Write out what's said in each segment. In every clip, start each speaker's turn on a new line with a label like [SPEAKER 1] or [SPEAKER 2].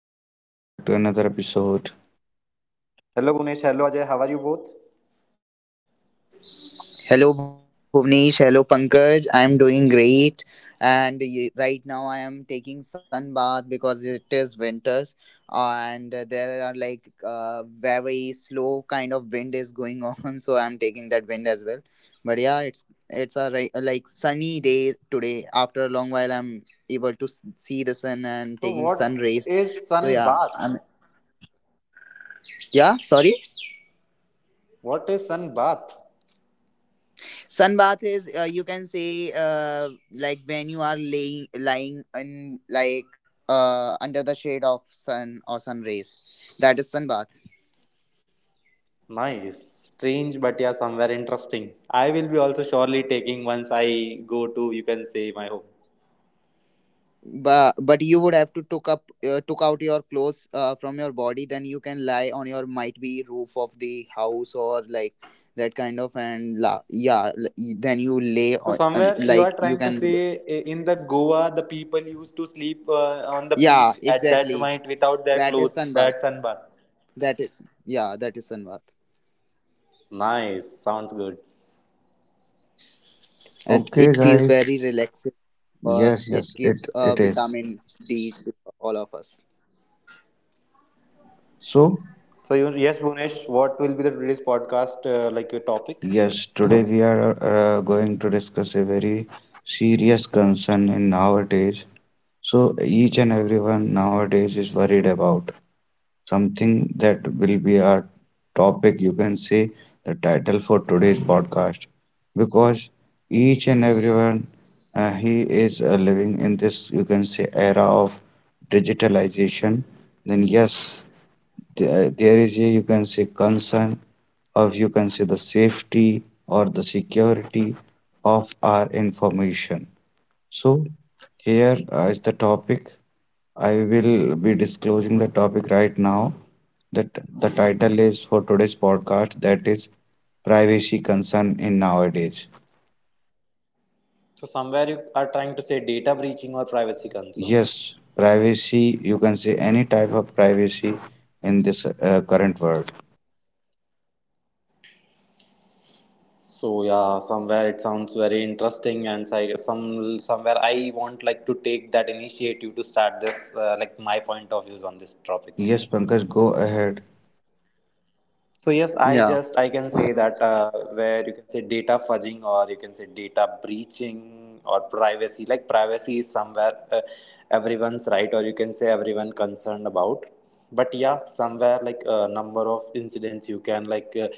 [SPEAKER 1] Ajay, welcome back to another episode.
[SPEAKER 2] Hello Gunesh, hello Ajay, how are you both?
[SPEAKER 3] Hello Bhuvnesh, hello Pankaj. I am doing great and right now I am taking sun bath because it is winters, and there are like very slow kind of wind is going on so I am taking that wind as well. But yeah, it's a like sunny day today. After a long while I'm able to see the sun and
[SPEAKER 2] So,
[SPEAKER 3] taking sun
[SPEAKER 2] what
[SPEAKER 3] rays.
[SPEAKER 2] is
[SPEAKER 3] So
[SPEAKER 2] sun
[SPEAKER 3] yeah,
[SPEAKER 2] bath?
[SPEAKER 3] I'm yeah, sorry.
[SPEAKER 2] What is sun bath?
[SPEAKER 3] Sunbath is you can say like when you are laying lying in like under the shade of sun or sun rays. That is sunbath.
[SPEAKER 2] Nice, strange, but yeah, somewhere interesting. I will be also surely taking once I go to, you can say, my home.
[SPEAKER 3] But you would have to took out your clothes from your body. Then you can lie on your might be roof of the house or like that kind of and la yeah. Then you lay
[SPEAKER 2] So,
[SPEAKER 3] on and
[SPEAKER 2] somewhere you are
[SPEAKER 3] like you
[SPEAKER 2] trying to
[SPEAKER 3] can
[SPEAKER 2] say in the Goa, the people used to sleep on the
[SPEAKER 3] yeah
[SPEAKER 2] beach at that
[SPEAKER 3] exactly.
[SPEAKER 2] point without their
[SPEAKER 3] That is
[SPEAKER 2] clothes.
[SPEAKER 3] sunbath.
[SPEAKER 2] That's sun bath.
[SPEAKER 3] That is yeah. That is sunbath
[SPEAKER 2] Nice, sounds good.
[SPEAKER 3] and it
[SPEAKER 1] Okay
[SPEAKER 3] feels very
[SPEAKER 1] guys,
[SPEAKER 3] relaxing because
[SPEAKER 1] yes,
[SPEAKER 3] it
[SPEAKER 1] yes,
[SPEAKER 3] gives
[SPEAKER 1] it it is.
[SPEAKER 3] vitamin D to all of us.
[SPEAKER 1] So,
[SPEAKER 2] So, you, yes, Gunesh, what will be the today's podcast like your topic?
[SPEAKER 1] yes, today we are going to discuss a very serious concern in nowadays. So, each and everyone nowadays is worried about something that will be our topic, you can say the title for today's podcast, because each and everyone he is living in this, you can say, era of digitalization. Then yes, there is a, you can say, concern of, you can say, the safety or the security of our information. So here is the topic. I will be disclosing the topic right now, that the title is for today's podcast that is privacy concern in nowadays.
[SPEAKER 2] So somewhere you are trying to say data breaching or privacy concerns.
[SPEAKER 1] Yes, privacy, you can say any type of privacy in this current world.
[SPEAKER 2] So yeah, somewhere it sounds very interesting, and so I somewhere I want like to take that initiative to start this like my point of views on this topic.
[SPEAKER 1] Yes, Pankaj, go ahead.
[SPEAKER 2] So yes,
[SPEAKER 3] Yeah.
[SPEAKER 2] I can say that where you can say data fudging or you can say data breaching or privacy. Like privacy is somewhere everyone's right or you can say everyone concerned about. But yeah, somewhere like a number of incidents you can like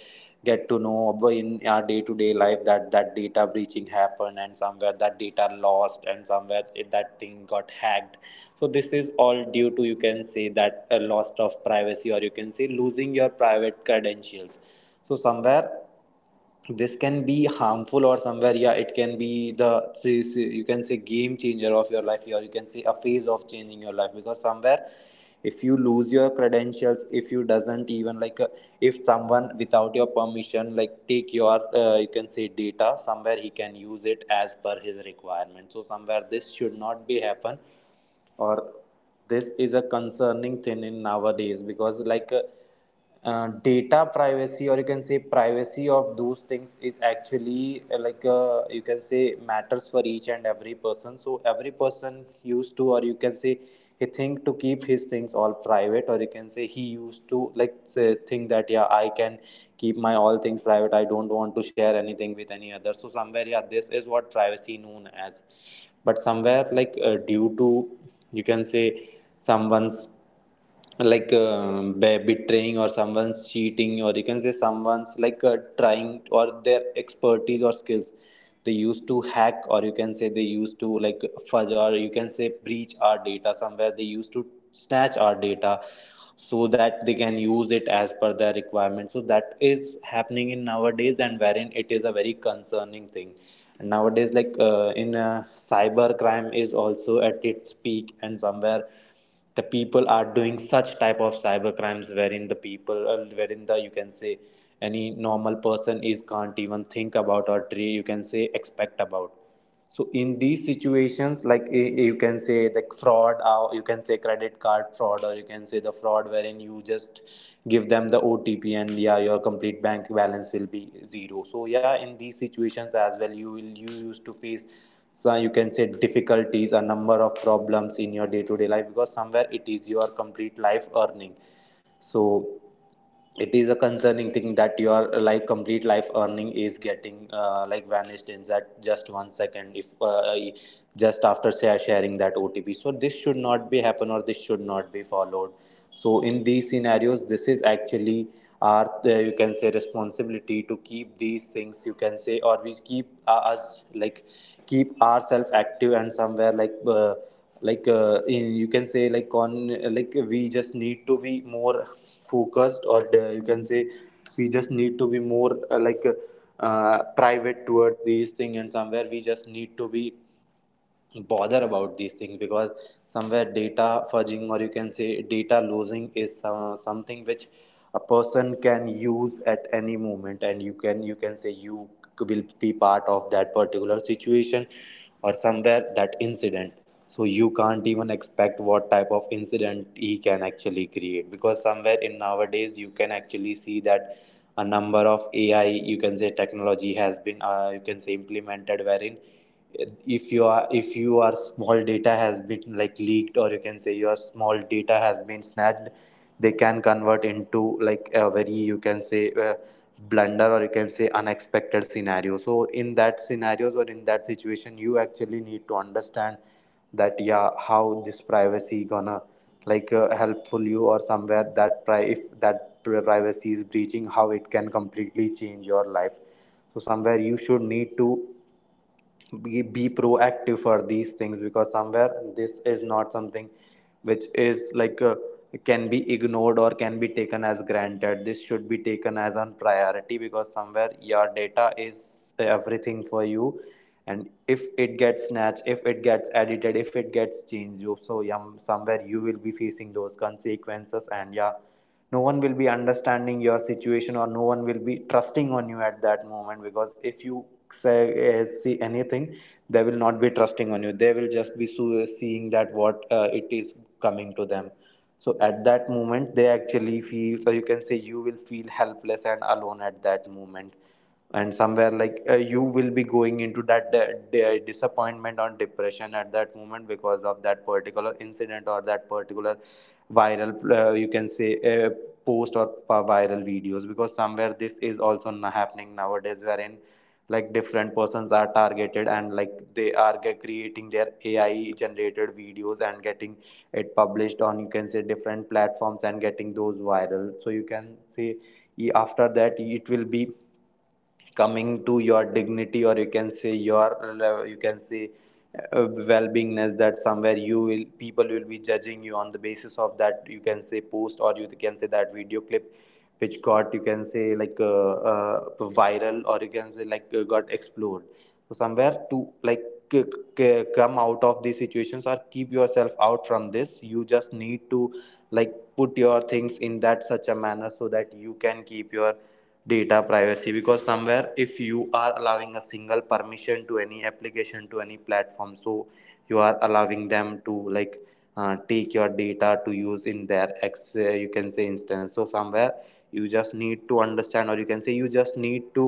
[SPEAKER 2] get to know about in our day to day life that data breaching happened and somewhere that data lost and somewhere it, that thing got hacked, so this is all due to you can say that a loss of privacy or you can say losing your private credentials, so somewhere this can be harmful or somewhere yeah it can be the you can say game changer of your life or you can say a phase of changing your life because somewhere if you lose your credentials if you doesn't even like if someone without your permission like take your you can say data somewhere he can use it as per his requirement so somewhere this should not be happen, or this is a concerning thing in nowadays because like data privacy or you can say privacy of those things is actually like you can say matters for each and every person so every person used to or you can say he think to keep his things all private or you can say he used to like say, think that yeah I can keep my all things private, I don't want to share anything with any other, so somewhere yeah this is what privacy known as. But somewhere like due to you can say someone's like betraying or someone's cheating or you can say someone's like trying or their expertise or skills they used to hack or you can say they used to like fudge or you can say breach our data somewhere they used to snatch our data so that they can use it as per their requirement, so that is happening in nowadays, and wherein it is a very concerning thing. And nowadays like in cyber crime is also at its peak and somewhere the people are doing such type of cyber crimes wherein the people wherein the you can say any normal person is can't even think about or you can say expect about, so in these situations like you can say the fraud or you can say credit card fraud or you can say the fraud wherein you just give them the OTP and yeah your complete bank balance will be zero, so yeah in these situations as well you used to face so you can say difficulties, a number of problems in your day to day life, because somewhere it is your complete life earning, so it is a concerning thing that your like complete life earning is getting like vanished in that just 1 second if just after sharing that OTP, so this should not be happen or this should not be followed, so in these scenarios this is actually our you can say responsibility to keep these things you can say or we keep us like keep ourselves active and somewhere like in, you can say like on like we just need to be more focused or you can say we just need to be more like private towards these things and somewhere we just need to be bother about these things because somewhere data fudging or you can say data losing is something which a person can use at any moment and you can say you will be part of that particular situation or somewhere that incident, so you can't even expect what type of incident he can actually create because somewhere in nowadays you can actually see that a number of AI you can say technology has been you can say implemented wherein if you are, if your small data has been like leaked or you can say your small data has been snatched they can convert into like a very you can say blunder or you can say unexpected scenario, so in that scenarios or in that situation you actually need to understand that yeah how this privacy gonna like helpful you or somewhere that if that privacy is breaching how it can completely change your life, so somewhere you should need to be proactive for these things because somewhere this is not something which is like can be ignored or can be taken as granted, this should be taken as on priority because somewhere your data is everything for you, and if it gets snatched if it gets edited if it gets changed you, so yeah, somewhere you will be facing those consequences and yeah no one will be understanding your situation or no one will be trusting on you at that moment because if you say see anything they will not be trusting on you they will just be seeing that what it is coming to them, so at that moment they actually feel so you can say you will feel helpless and alone at that moment and somewhere like you will be going into that disappointment or depression at that moment because of that particular incident or that particular viral you can say post or viral videos because somewhere this is also happening nowadays wherein like different persons are targeted and like they are creating their AI generated videos and getting it published on you can say different platforms and getting those viral, so you can say after that it will be coming to your dignity or you can say your you can say well-beingness that somewhere you will people will be judging you on the basis of that you can say post or you can say that video clip which got you can say like viral or you can say like got explored, so somewhere to like c- come out of these situations or keep yourself out from this you just need to like put your things in that such a manner so that you can keep your data privacy, because somewhere if you are allowing a single permission to any application to any platform so you are allowing them to like take your data to use in their ex you can say instance, so somewhere you just need to understand or you can say you just need to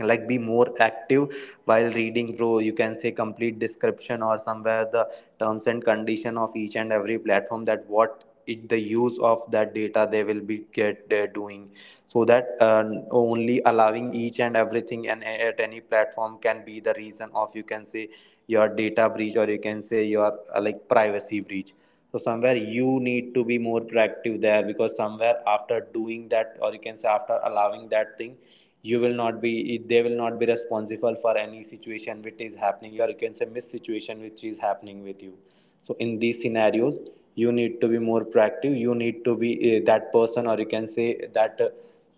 [SPEAKER 2] like be more active while reading through you can say complete description or somewhere the terms and condition of each and every platform that what it the use of that data they will be get doing, so that only allowing each and everything and at any platform can be the reason of you can say your data breach or you can say your like privacy breach, so somewhere you need to be more proactive there because somewhere after doing that or you can say after allowing that thing you will not be, they will not be responsible for any situation which is happening or you can say miss situation which is happening with you, so in these scenarios you need to be more proactive, you need to be that person or you can say that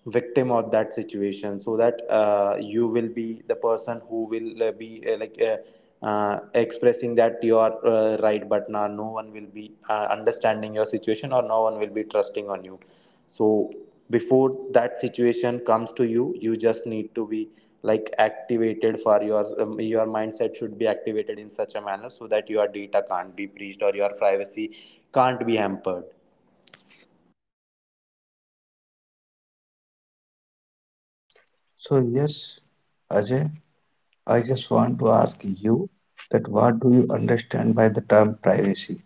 [SPEAKER 2] victim of that situation so that you will be the person who will be like expressing that you are right, but now no one will be understanding your situation or no one will be trusting on you, so before that situation comes to you you just need to be like activated for your mindset should be activated in such a manner so that your data can't be breached or your privacy can't be hampered.
[SPEAKER 1] So, yes, Ajay, I just want to ask you that what do you understand by the term privacy?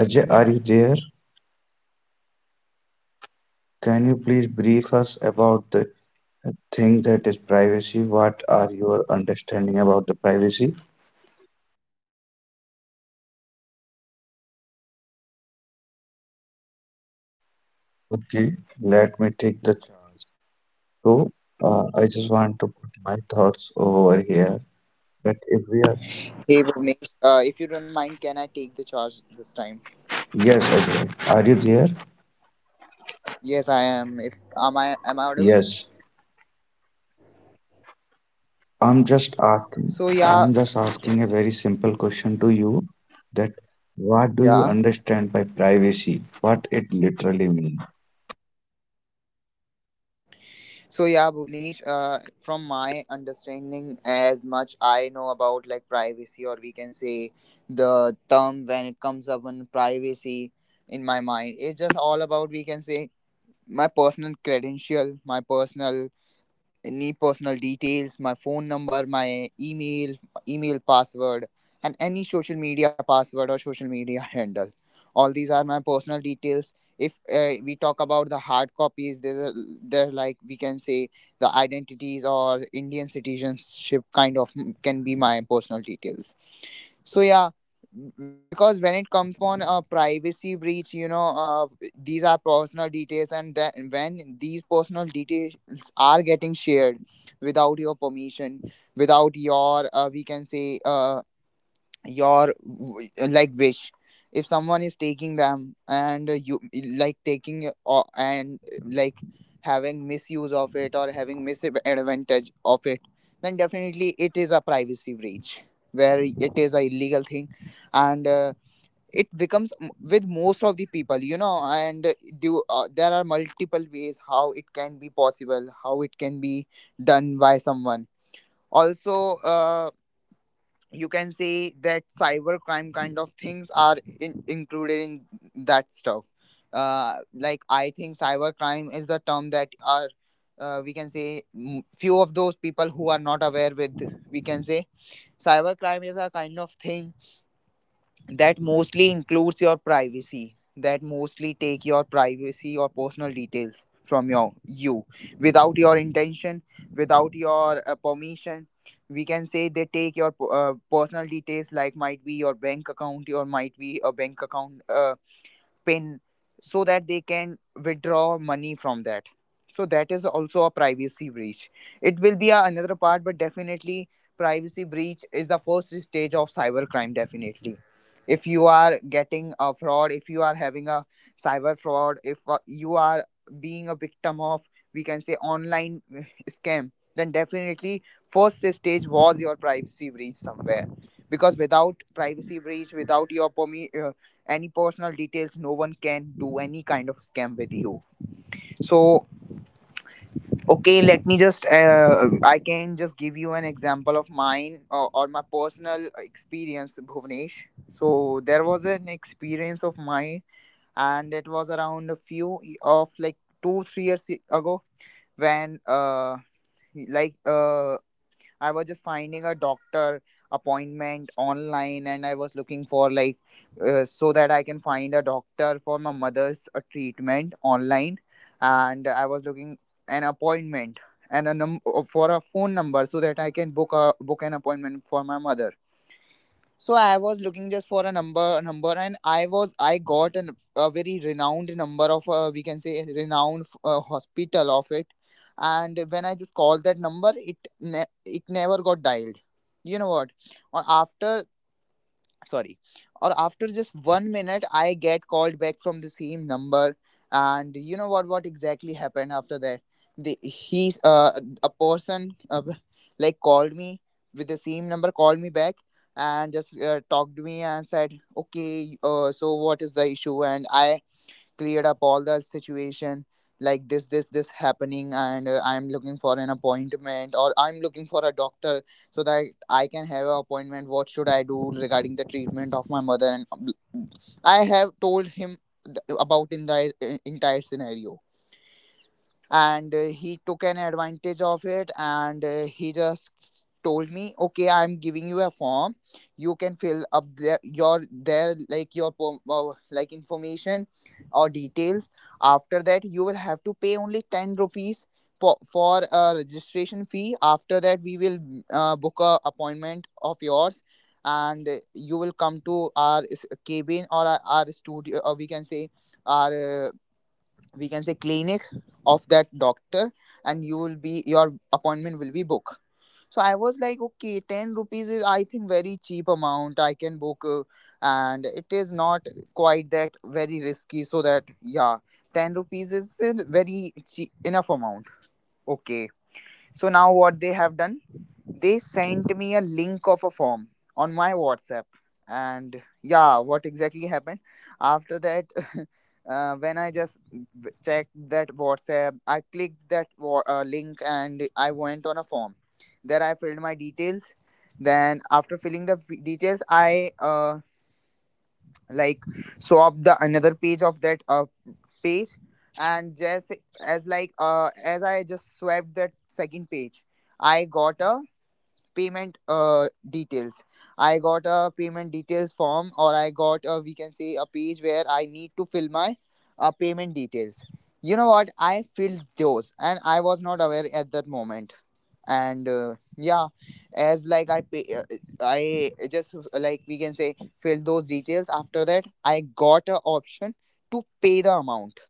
[SPEAKER 1] Ajay, are you there? Can you please brief us about the thing that is privacy? What are your understanding about the privacy? Okay, let me take the chart. So, I just want to put my thoughts over here. That if we are,
[SPEAKER 3] Hey, Bhuvnesh, if you don't mind, can I take the charge this time?
[SPEAKER 1] yes, Ajay, are you there?
[SPEAKER 3] Yes, I am. If am I Am I audible?
[SPEAKER 1] Yes. I'm just
[SPEAKER 3] So
[SPEAKER 1] asking,
[SPEAKER 3] yeah,
[SPEAKER 1] I'm just asking a very simple question to you, that what do
[SPEAKER 3] yeah.
[SPEAKER 1] you understand by privacy? What it literally means?
[SPEAKER 3] So yeah, Bhuvnesh. From my understanding, as much I know about like privacy, or we can say the term when it comes up on privacy, in my mind it's just all about, we can say, my personal credential, my personal any personal details, my phone number, my email, email password, and any social media password or social media handle. All these are my personal details. If we talk about the hard copies, they're like, we can say, the identities or Indian citizenship kind of can be my personal details, so yeah, because when it comes upon a privacy breach, these are personal details, and that when these personal details are getting shared without your permission, without your we can say your like wish, if someone is taking them and you like taking or and like having misuse of it or having misadvantage of it, then definitely it is a privacy breach, where it is a illegal thing, and it becomes with most of the people, you know, and do there are multiple ways how it can be possible, how it can be done by someone. Also you can say that cybercrime kind of things are included in that stuff. Like I think cybercrime is the term that are, we can say, few of those people who are not aware with, we can say, cybercrime is a kind of thing that mostly includes your privacy, that mostly take your privacy or personal details from you, without your intention, without your permission. We can say they take your personal details, like might be your bank account, or might be a bank account pin, so that they can withdraw money from that. So that is also a privacy breach. It will be another part, but definitely privacy breach is the first stage of cybercrime. Definitely if you are getting a fraud, if you are having a cyber fraud, if you are being a victim of, we can say, online scam, then definitely first stage was your privacy breach somewhere, because without privacy breach, without your any personal details, no one can do any kind of scam with you. So okay, let me just I can just give you an example of mine, or my personal experience, Bhuvnesh. So there was an experience of mine, and it was around a few of like 2-3 years ago, when like I was just finding a doctor appointment online, and I was looking for like, so that I can find a doctor for my mother's treatment online, and I was looking an appointment, and a for a phone number, so that I can book an appointment for my mother. So I was looking just for a number, and I got a very renowned number of, we can say, a renowned hospital of it. And when I just called that number, it it never got dialed, you know what. On after sorry Or after just 1 minute I get called back from the same number. And you know what exactly happened after that? The he's uh, a person like called me with the same number, called me back, and just talked to me and said okay, so what is the issue. And I cleared up all the situation, like, this happening and I'm looking for an appointment, or I'm looking for a doctor so that I can have an appointment. What should I do regarding the treatment of my mother? And I have told him about in the entire scenario. And he took an advantage of it, and he just told me okay, I'm giving you a form, you can fill up there your there like your like information or details. After that you will have to pay only 10 rupees for a registration fee. After that we will book a appointment of yours, and you will come to our cabin, or our studio, or we can say our we can say clinic of that doctor, and your appointment will be booked. So I was like, okay, 10 rupees is I think very cheap amount, I can book and it is not quite that very risky, so that yeah, 10 rupees is very cheap, enough amount. Okay, so now what they have done, they sent me a link of a form on my WhatsApp. And yeah, what exactly happened? After that, when I just checked that WhatsApp, I clicked that link and I went on a form. There I filled my details. Then after filling the details, I like swapped the another page of that page, and just as like as I just swapped that second page, I got a payment details. I got a payment details form, or I got we can say a page where I need to fill my payment details. You know what, I filled those, and I was not aware at that moment. And yeah, as like I just like we can say filled those details. After that I got a option to pay the amount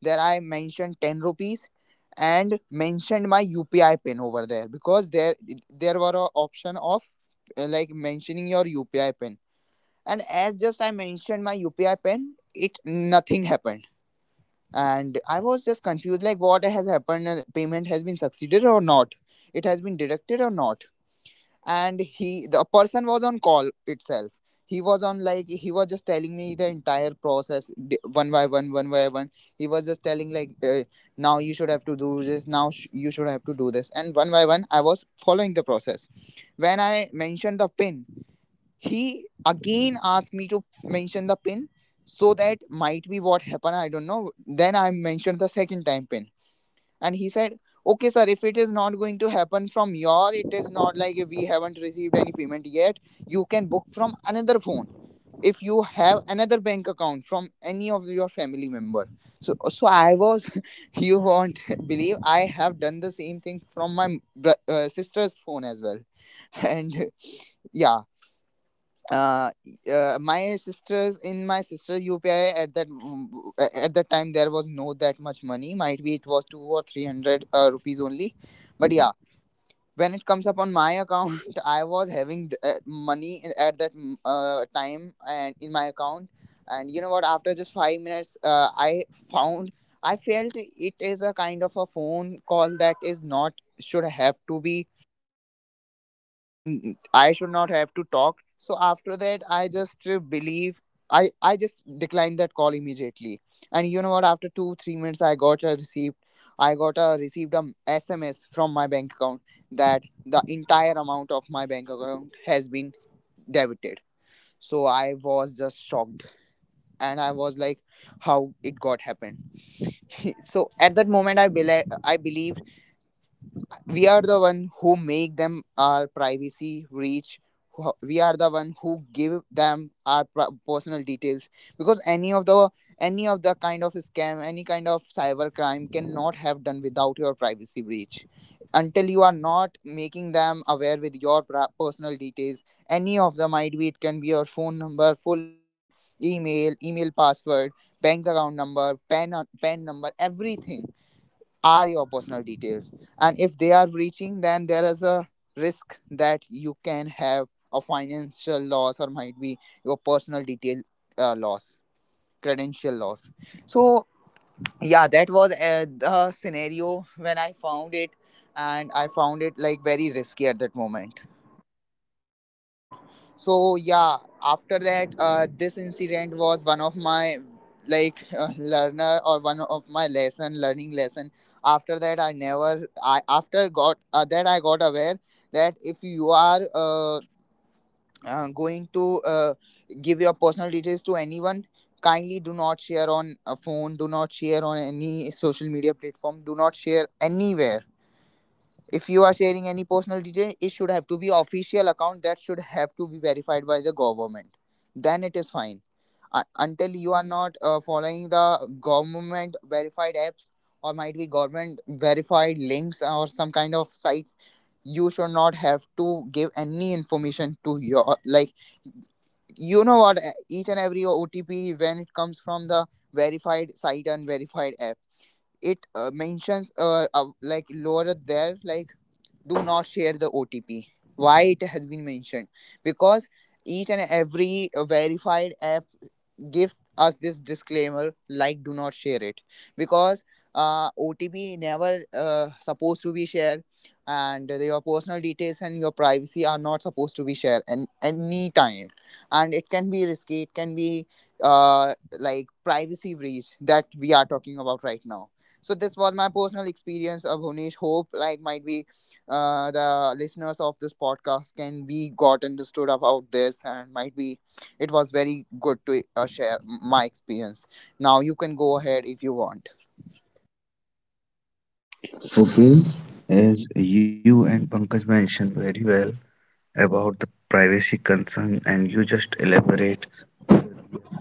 [SPEAKER 3] that I mentioned, 10 rupees, and mentioned my UPI pin over there, because there were an option of like mentioning your UPI pin. And as just I mentioned my UPI pin, it nothing happened. And I was just confused, like what has happened, payment has been succeeded or not, it has been deducted or not. And he the person was on call itself. He was on like he was just telling me the entire process, one by one, one by one. He was just telling, like, now you should have to do this, now you should have to do this. And one by one I was following the process. When I mentioned the pin, he again asked me to mention the pin, so that might be what happened, I don't know. Then I mentioned the second time pin, and he said okay sir, if it is not going to happen from your it is not like we haven't received any payment yet, you can book from another phone if you have another bank account from any of your family member. So I was, you won't believe, I have done the same thing from my sister's phone as well. And yeah, uh, my sisters in my sister UPI at at that time, there was no that much money, might be it was 2 or 300 rupees only. But yeah, when it comes up on my account, I was having money at that time and in my account. And you know what, after just 5 minutes found I felt it is a kind of a phone call that is not should have to be done, or I should not have to talk. So after that I just believe, I just declined that call immediately. And you know what, after 2 3 minutes, I got a received a SMS from my bank account, that the entire amount of my bank account has been debited. So I was just shocked, and I was like, how it got happened. So at that moment, I believe we are the one who make them Our privacy reach. We are the one who give them our personal details, because any of the kind of scam, any kind of cyber crime cannot have done without your privacy breach, until you are not making them aware with your personal details. Any of them, might be, it can be your phone number, full name, email password, bank account number, pen number, everything are your personal details. And if they are breaching, then there is a risk that you can have a financial loss, or might be your personal detail loss, credential loss. So yeah, that was the scenario when I found it, and I found it like very risky at that moment. So yeah, after that, this incident was one of my, like, learner, or one of my lesson learning lesson. After that, I never I after got that, I got aware that if you are going to, give your personal details to anyone, kindly do not share on a phone, do not share on any social media platform, do not share anywhere. If you are sharing any personal detail, it should have to be official account, that should have to be verified by the government, then it is fine. Until you are not following the government verified apps, or might be government verified links or some kind of sites, you should not have to give any information to your, like, you know what, each and every OTP, when it comes from the verified site and verified app, it mentions, like lower there, like, do not share the OTP. Why it has been mentioned? Because each and every verified app gives us this disclaimer, like do not share it, because OTP never supposed to be shared, and your personal details and your privacy are not supposed to be shared and any time, and it can be risky, it can be uh, like privacy breach that we are talking about right now. So this was my personal experience of Bhunesh. Hope like, might be, the listeners of this podcast can be got understood about this, and might be it was very good to share my experience. Now you can go ahead if you want.
[SPEAKER 1] Okay, as you and Pankaj mentioned very well about the privacy concern, and you just elaborate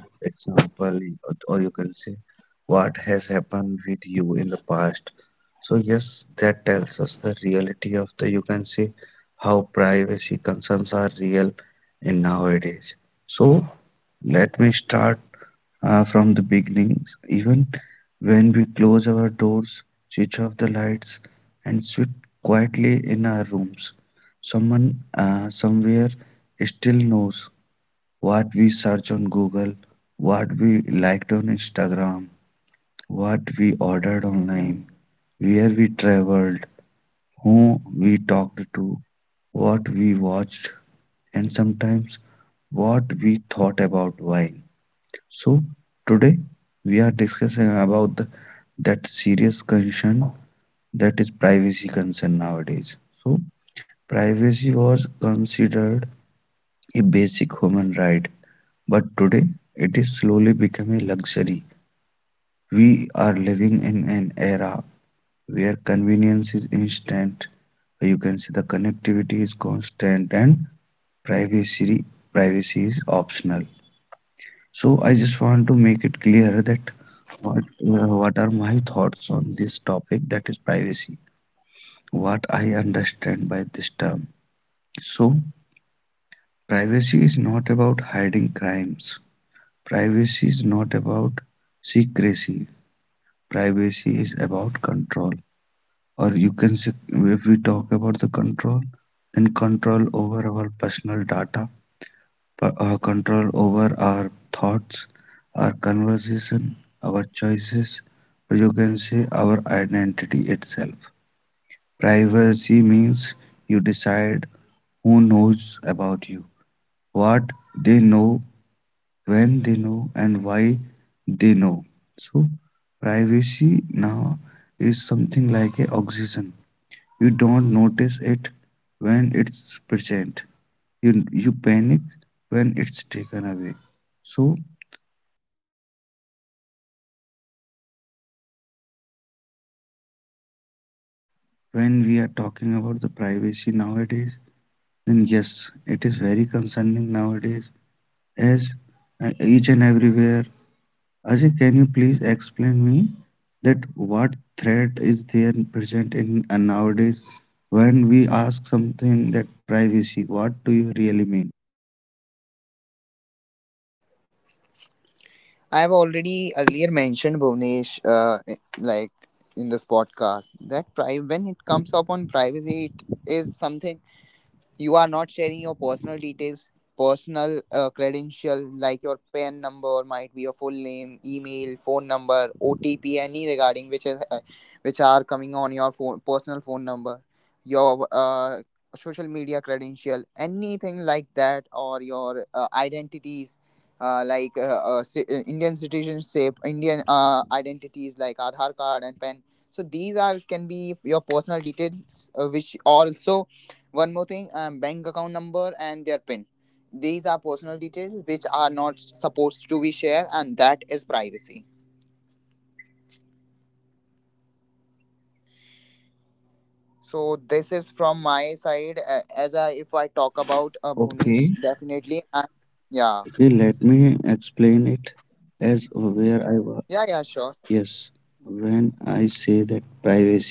[SPEAKER 1] example, or you can say what has happened with you in the past, so yes, that tells us the reality of the, you can say, how privacy concerns are real in nowadays. So let me start from the beginnings. Even when we close our doors, switch off the lights, and sit quietly in our rooms, someone somewhere still knows what we search on Google, what we liked on Instagram, what we ordered online, where we traveled, who we talked to, what we watched, and sometimes what we thought about wine. So, today we are discussing about the, that serious concern, that is privacy concern nowadays. So, privacy was considered a basic human right. But today, it is slowly becoming a luxury. We are living in an era where convenience is instant. You can see the connectivity is constant, and privacy privacy is optional. So I just want to make it clear that what are my thoughts on this topic that is privacy. What I understand by this term. So privacy is not about hiding crimes. Privacy is not about secrecy. Privacy is about control, or you can say, if we talk about the control, then control over our personal data, control over our thoughts, our conversation, our choices, or you can say our identity itself. Privacy means you decide who knows about you, what they know, when they know, and why they know. So, privacy now is something like a oxygen. You don't notice it when it's present. You you panic when it's taken away. So when we are talking about the privacy nowadays, then yes, it is very concerning nowadays, as each and everywhere. Ajay, can you please explain me that what threat is there present in nowadays, when we ask something that privacy? What do you really mean?
[SPEAKER 3] I have already earlier mentioned, Bhuvnesh, like, in this podcast, that when it comes upon privacy, it is something you are not sharing your personal details, personal credential, like your PAN number, might be your full name, email, phone number, OTP, any regarding which is, which are coming on your phone, personal phone number, your social media credential, anything like that, or your identities. Like, Indian citizenship, Indian identities like Aadhaar card and PAN. So these are can be your personal details, which also one more thing, bank account number and their PIN. These are personal details which are not supposed to be shared, and that is privacy. So this is from my side. As I, if I talk about
[SPEAKER 1] Okay.
[SPEAKER 3] Bhuvnesh, definitely, and yeah,
[SPEAKER 1] See, let me explain it as where I was.
[SPEAKER 3] yeah, sure,
[SPEAKER 1] Yes, when I say that privacy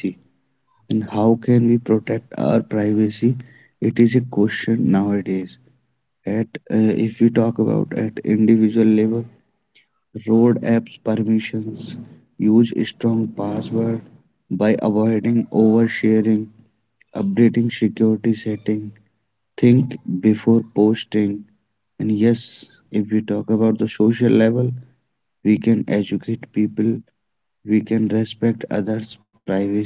[SPEAKER 1] and how can we protect our privacy, it is a question nowadays. At if we talk about at individual level, road apps permissions, use strong password by avoiding oversharing, updating security setting, think before posting, and yes, if we talk about the social level, we can educate people, we can respect others' privacy,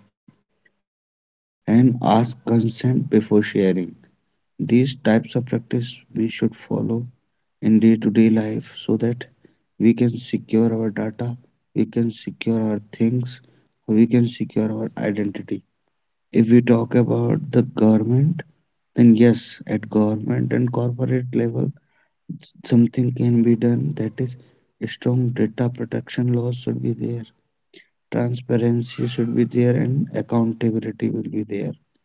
[SPEAKER 1] and ask consent before sharing. These types of practice we should follow in day to day life so that we can secure our data, we can secure our things, we can secure our identity. If we talk about the government, then yes, at government and corporate level, something can be done, that is, strong data protection laws should be there, transparency should be there, and accountability will be there. So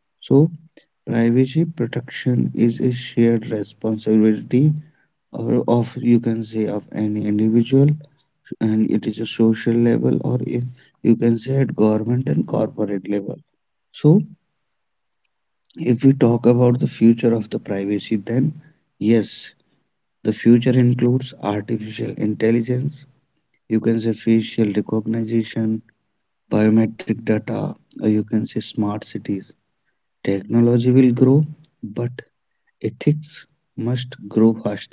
[SPEAKER 1] privacy protection is a shared responsibility, or of, you can say, of any individual, and it is a social level, or if you can say at government and corporate level. So if we talk about the future of the privacy, then yes, the future includes artificial intelligence, you can say facial recognition, biometric data, or you can say smart cities. Technology will grow, but ethics must grow faster.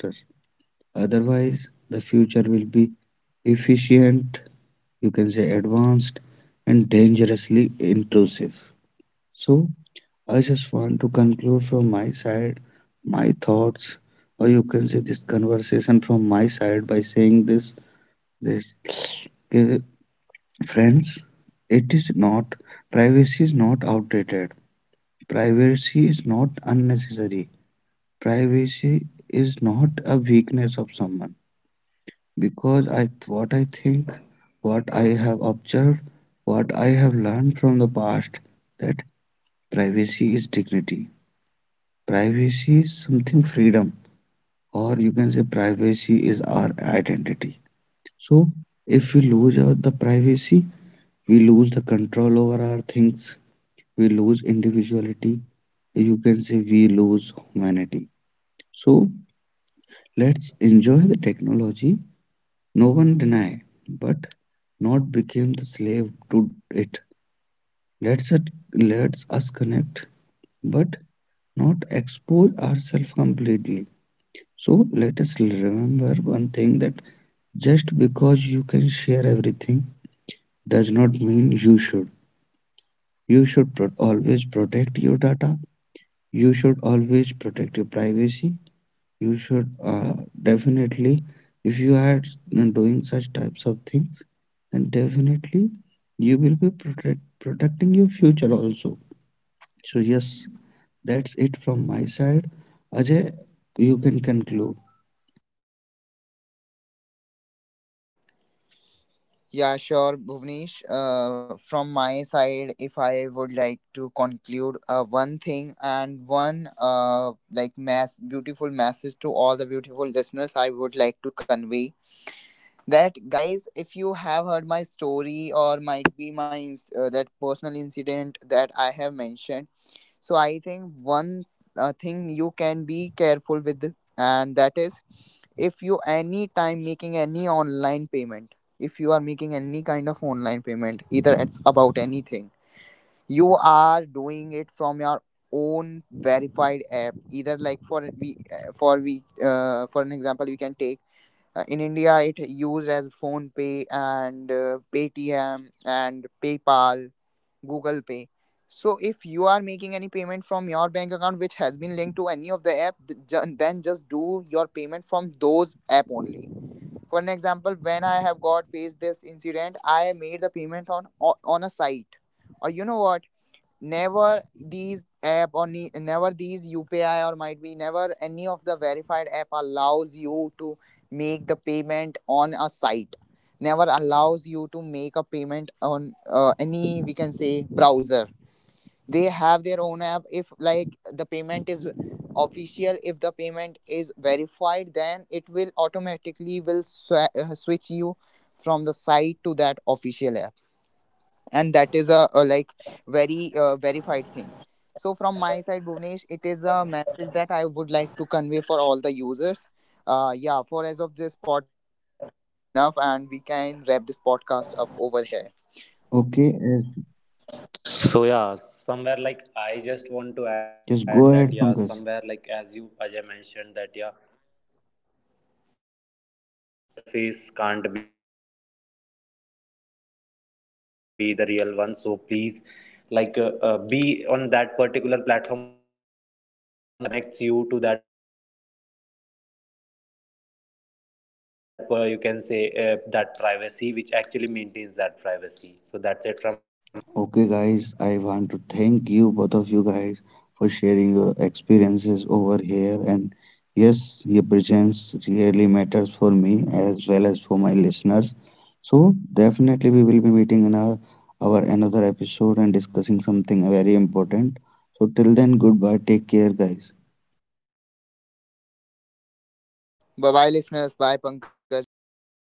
[SPEAKER 1] Otherwise, the future will be efficient, you can say advanced, and dangerously intrusive. So, I just want to conclude from my side my thoughts, or you can say this conversation from my side by saying this, this, friends, it is not. Privacy is not outdated. Privacy is not unnecessary. Privacy is not a weakness of someone, because I what I think, what I have observed, what I have learned from the past, that privacy is dignity. Privacy is something freedom, or you can say privacy is our identity. So if we lose our, the privacy, we lose the control over our things, we lose individuality, you can say we lose humanity. So let's enjoy the technology, no one deny, but not become the slave to it. Let's it us connect, but not expose ourselves completely. So let us remember one thing, that just because you can share everything does not mean you should. You should pro- always protect your data, you should always protect your privacy, you should definitely. If you are doing such types of things, then definitely you will be protect, protecting your future also. So yes, that's it from my side. Ajay, you can conclude.
[SPEAKER 3] yeah, sure, Bhuvnesh. From my side, if I would like to conclude one thing, and one, uh, like mass beautiful message to all the beautiful listeners, I would like to convey that, guys, if you have heard my story, or might be my that personal incident that I have mentioned. So I think one thing you can be careful with, and that is, if you any time making any online payment, if you are making any kind of online payment, either it's about anything, you are doing it from your own verified app, either like for an example we can take, in India, it used as Phone Pay, and Paytm, and PayPal, Google Pay. So if you are making any payment from your bank account which has been linked to any of the app, then just do your payment from those app only. For an example, when I have got faced this incident, I made the payment on a site, or you know what? Never these app, or never these UPI, or might be never any of the verified app allows you to make the payment on a site, never allows you to make a payment on any, we can say, browser. They have their own app. If like the payment is official, if the payment is verified, then it will automatically will switch you from the site to that official app, and that is a like very verified thing. So from my side, Bhuvnesh, it is a message that I would like to convey for all the users. Yeah, for as of this podcast, I think this is enough, and we can wrap this podcast up over here.
[SPEAKER 1] Okay,
[SPEAKER 2] So yeah, somewhere like I just want to add that yeah, somewhere like as
[SPEAKER 1] just
[SPEAKER 2] you
[SPEAKER 1] go
[SPEAKER 2] as
[SPEAKER 1] ahead
[SPEAKER 2] I
[SPEAKER 1] Pankaj.
[SPEAKER 2] mentioned that yeah. Yes, that as Ajay mentioned that yeah, every interface can't be the real one. So please, like, be on that particular platform or trust on that particular platform which actually like connects you to that. Per you can say that privacy which actually maintains that privacy. So that's it from my end in this podcast. Thank you, Gunesh.
[SPEAKER 1] Okay, guys, I want to thank you, both of you guys, for sharing your experiences over here. And yes, your presence really matters for me as well as for my listeners. So, definitely, we will be meeting in our another episode and discussing something very important. So, till then, goodbye. Take care, guys.
[SPEAKER 2] Thank you, Gunesh.
[SPEAKER 3] Bye bye,
[SPEAKER 2] Goodbye.
[SPEAKER 3] listeners, bye, Pankaj, bye, Bhuvnesh.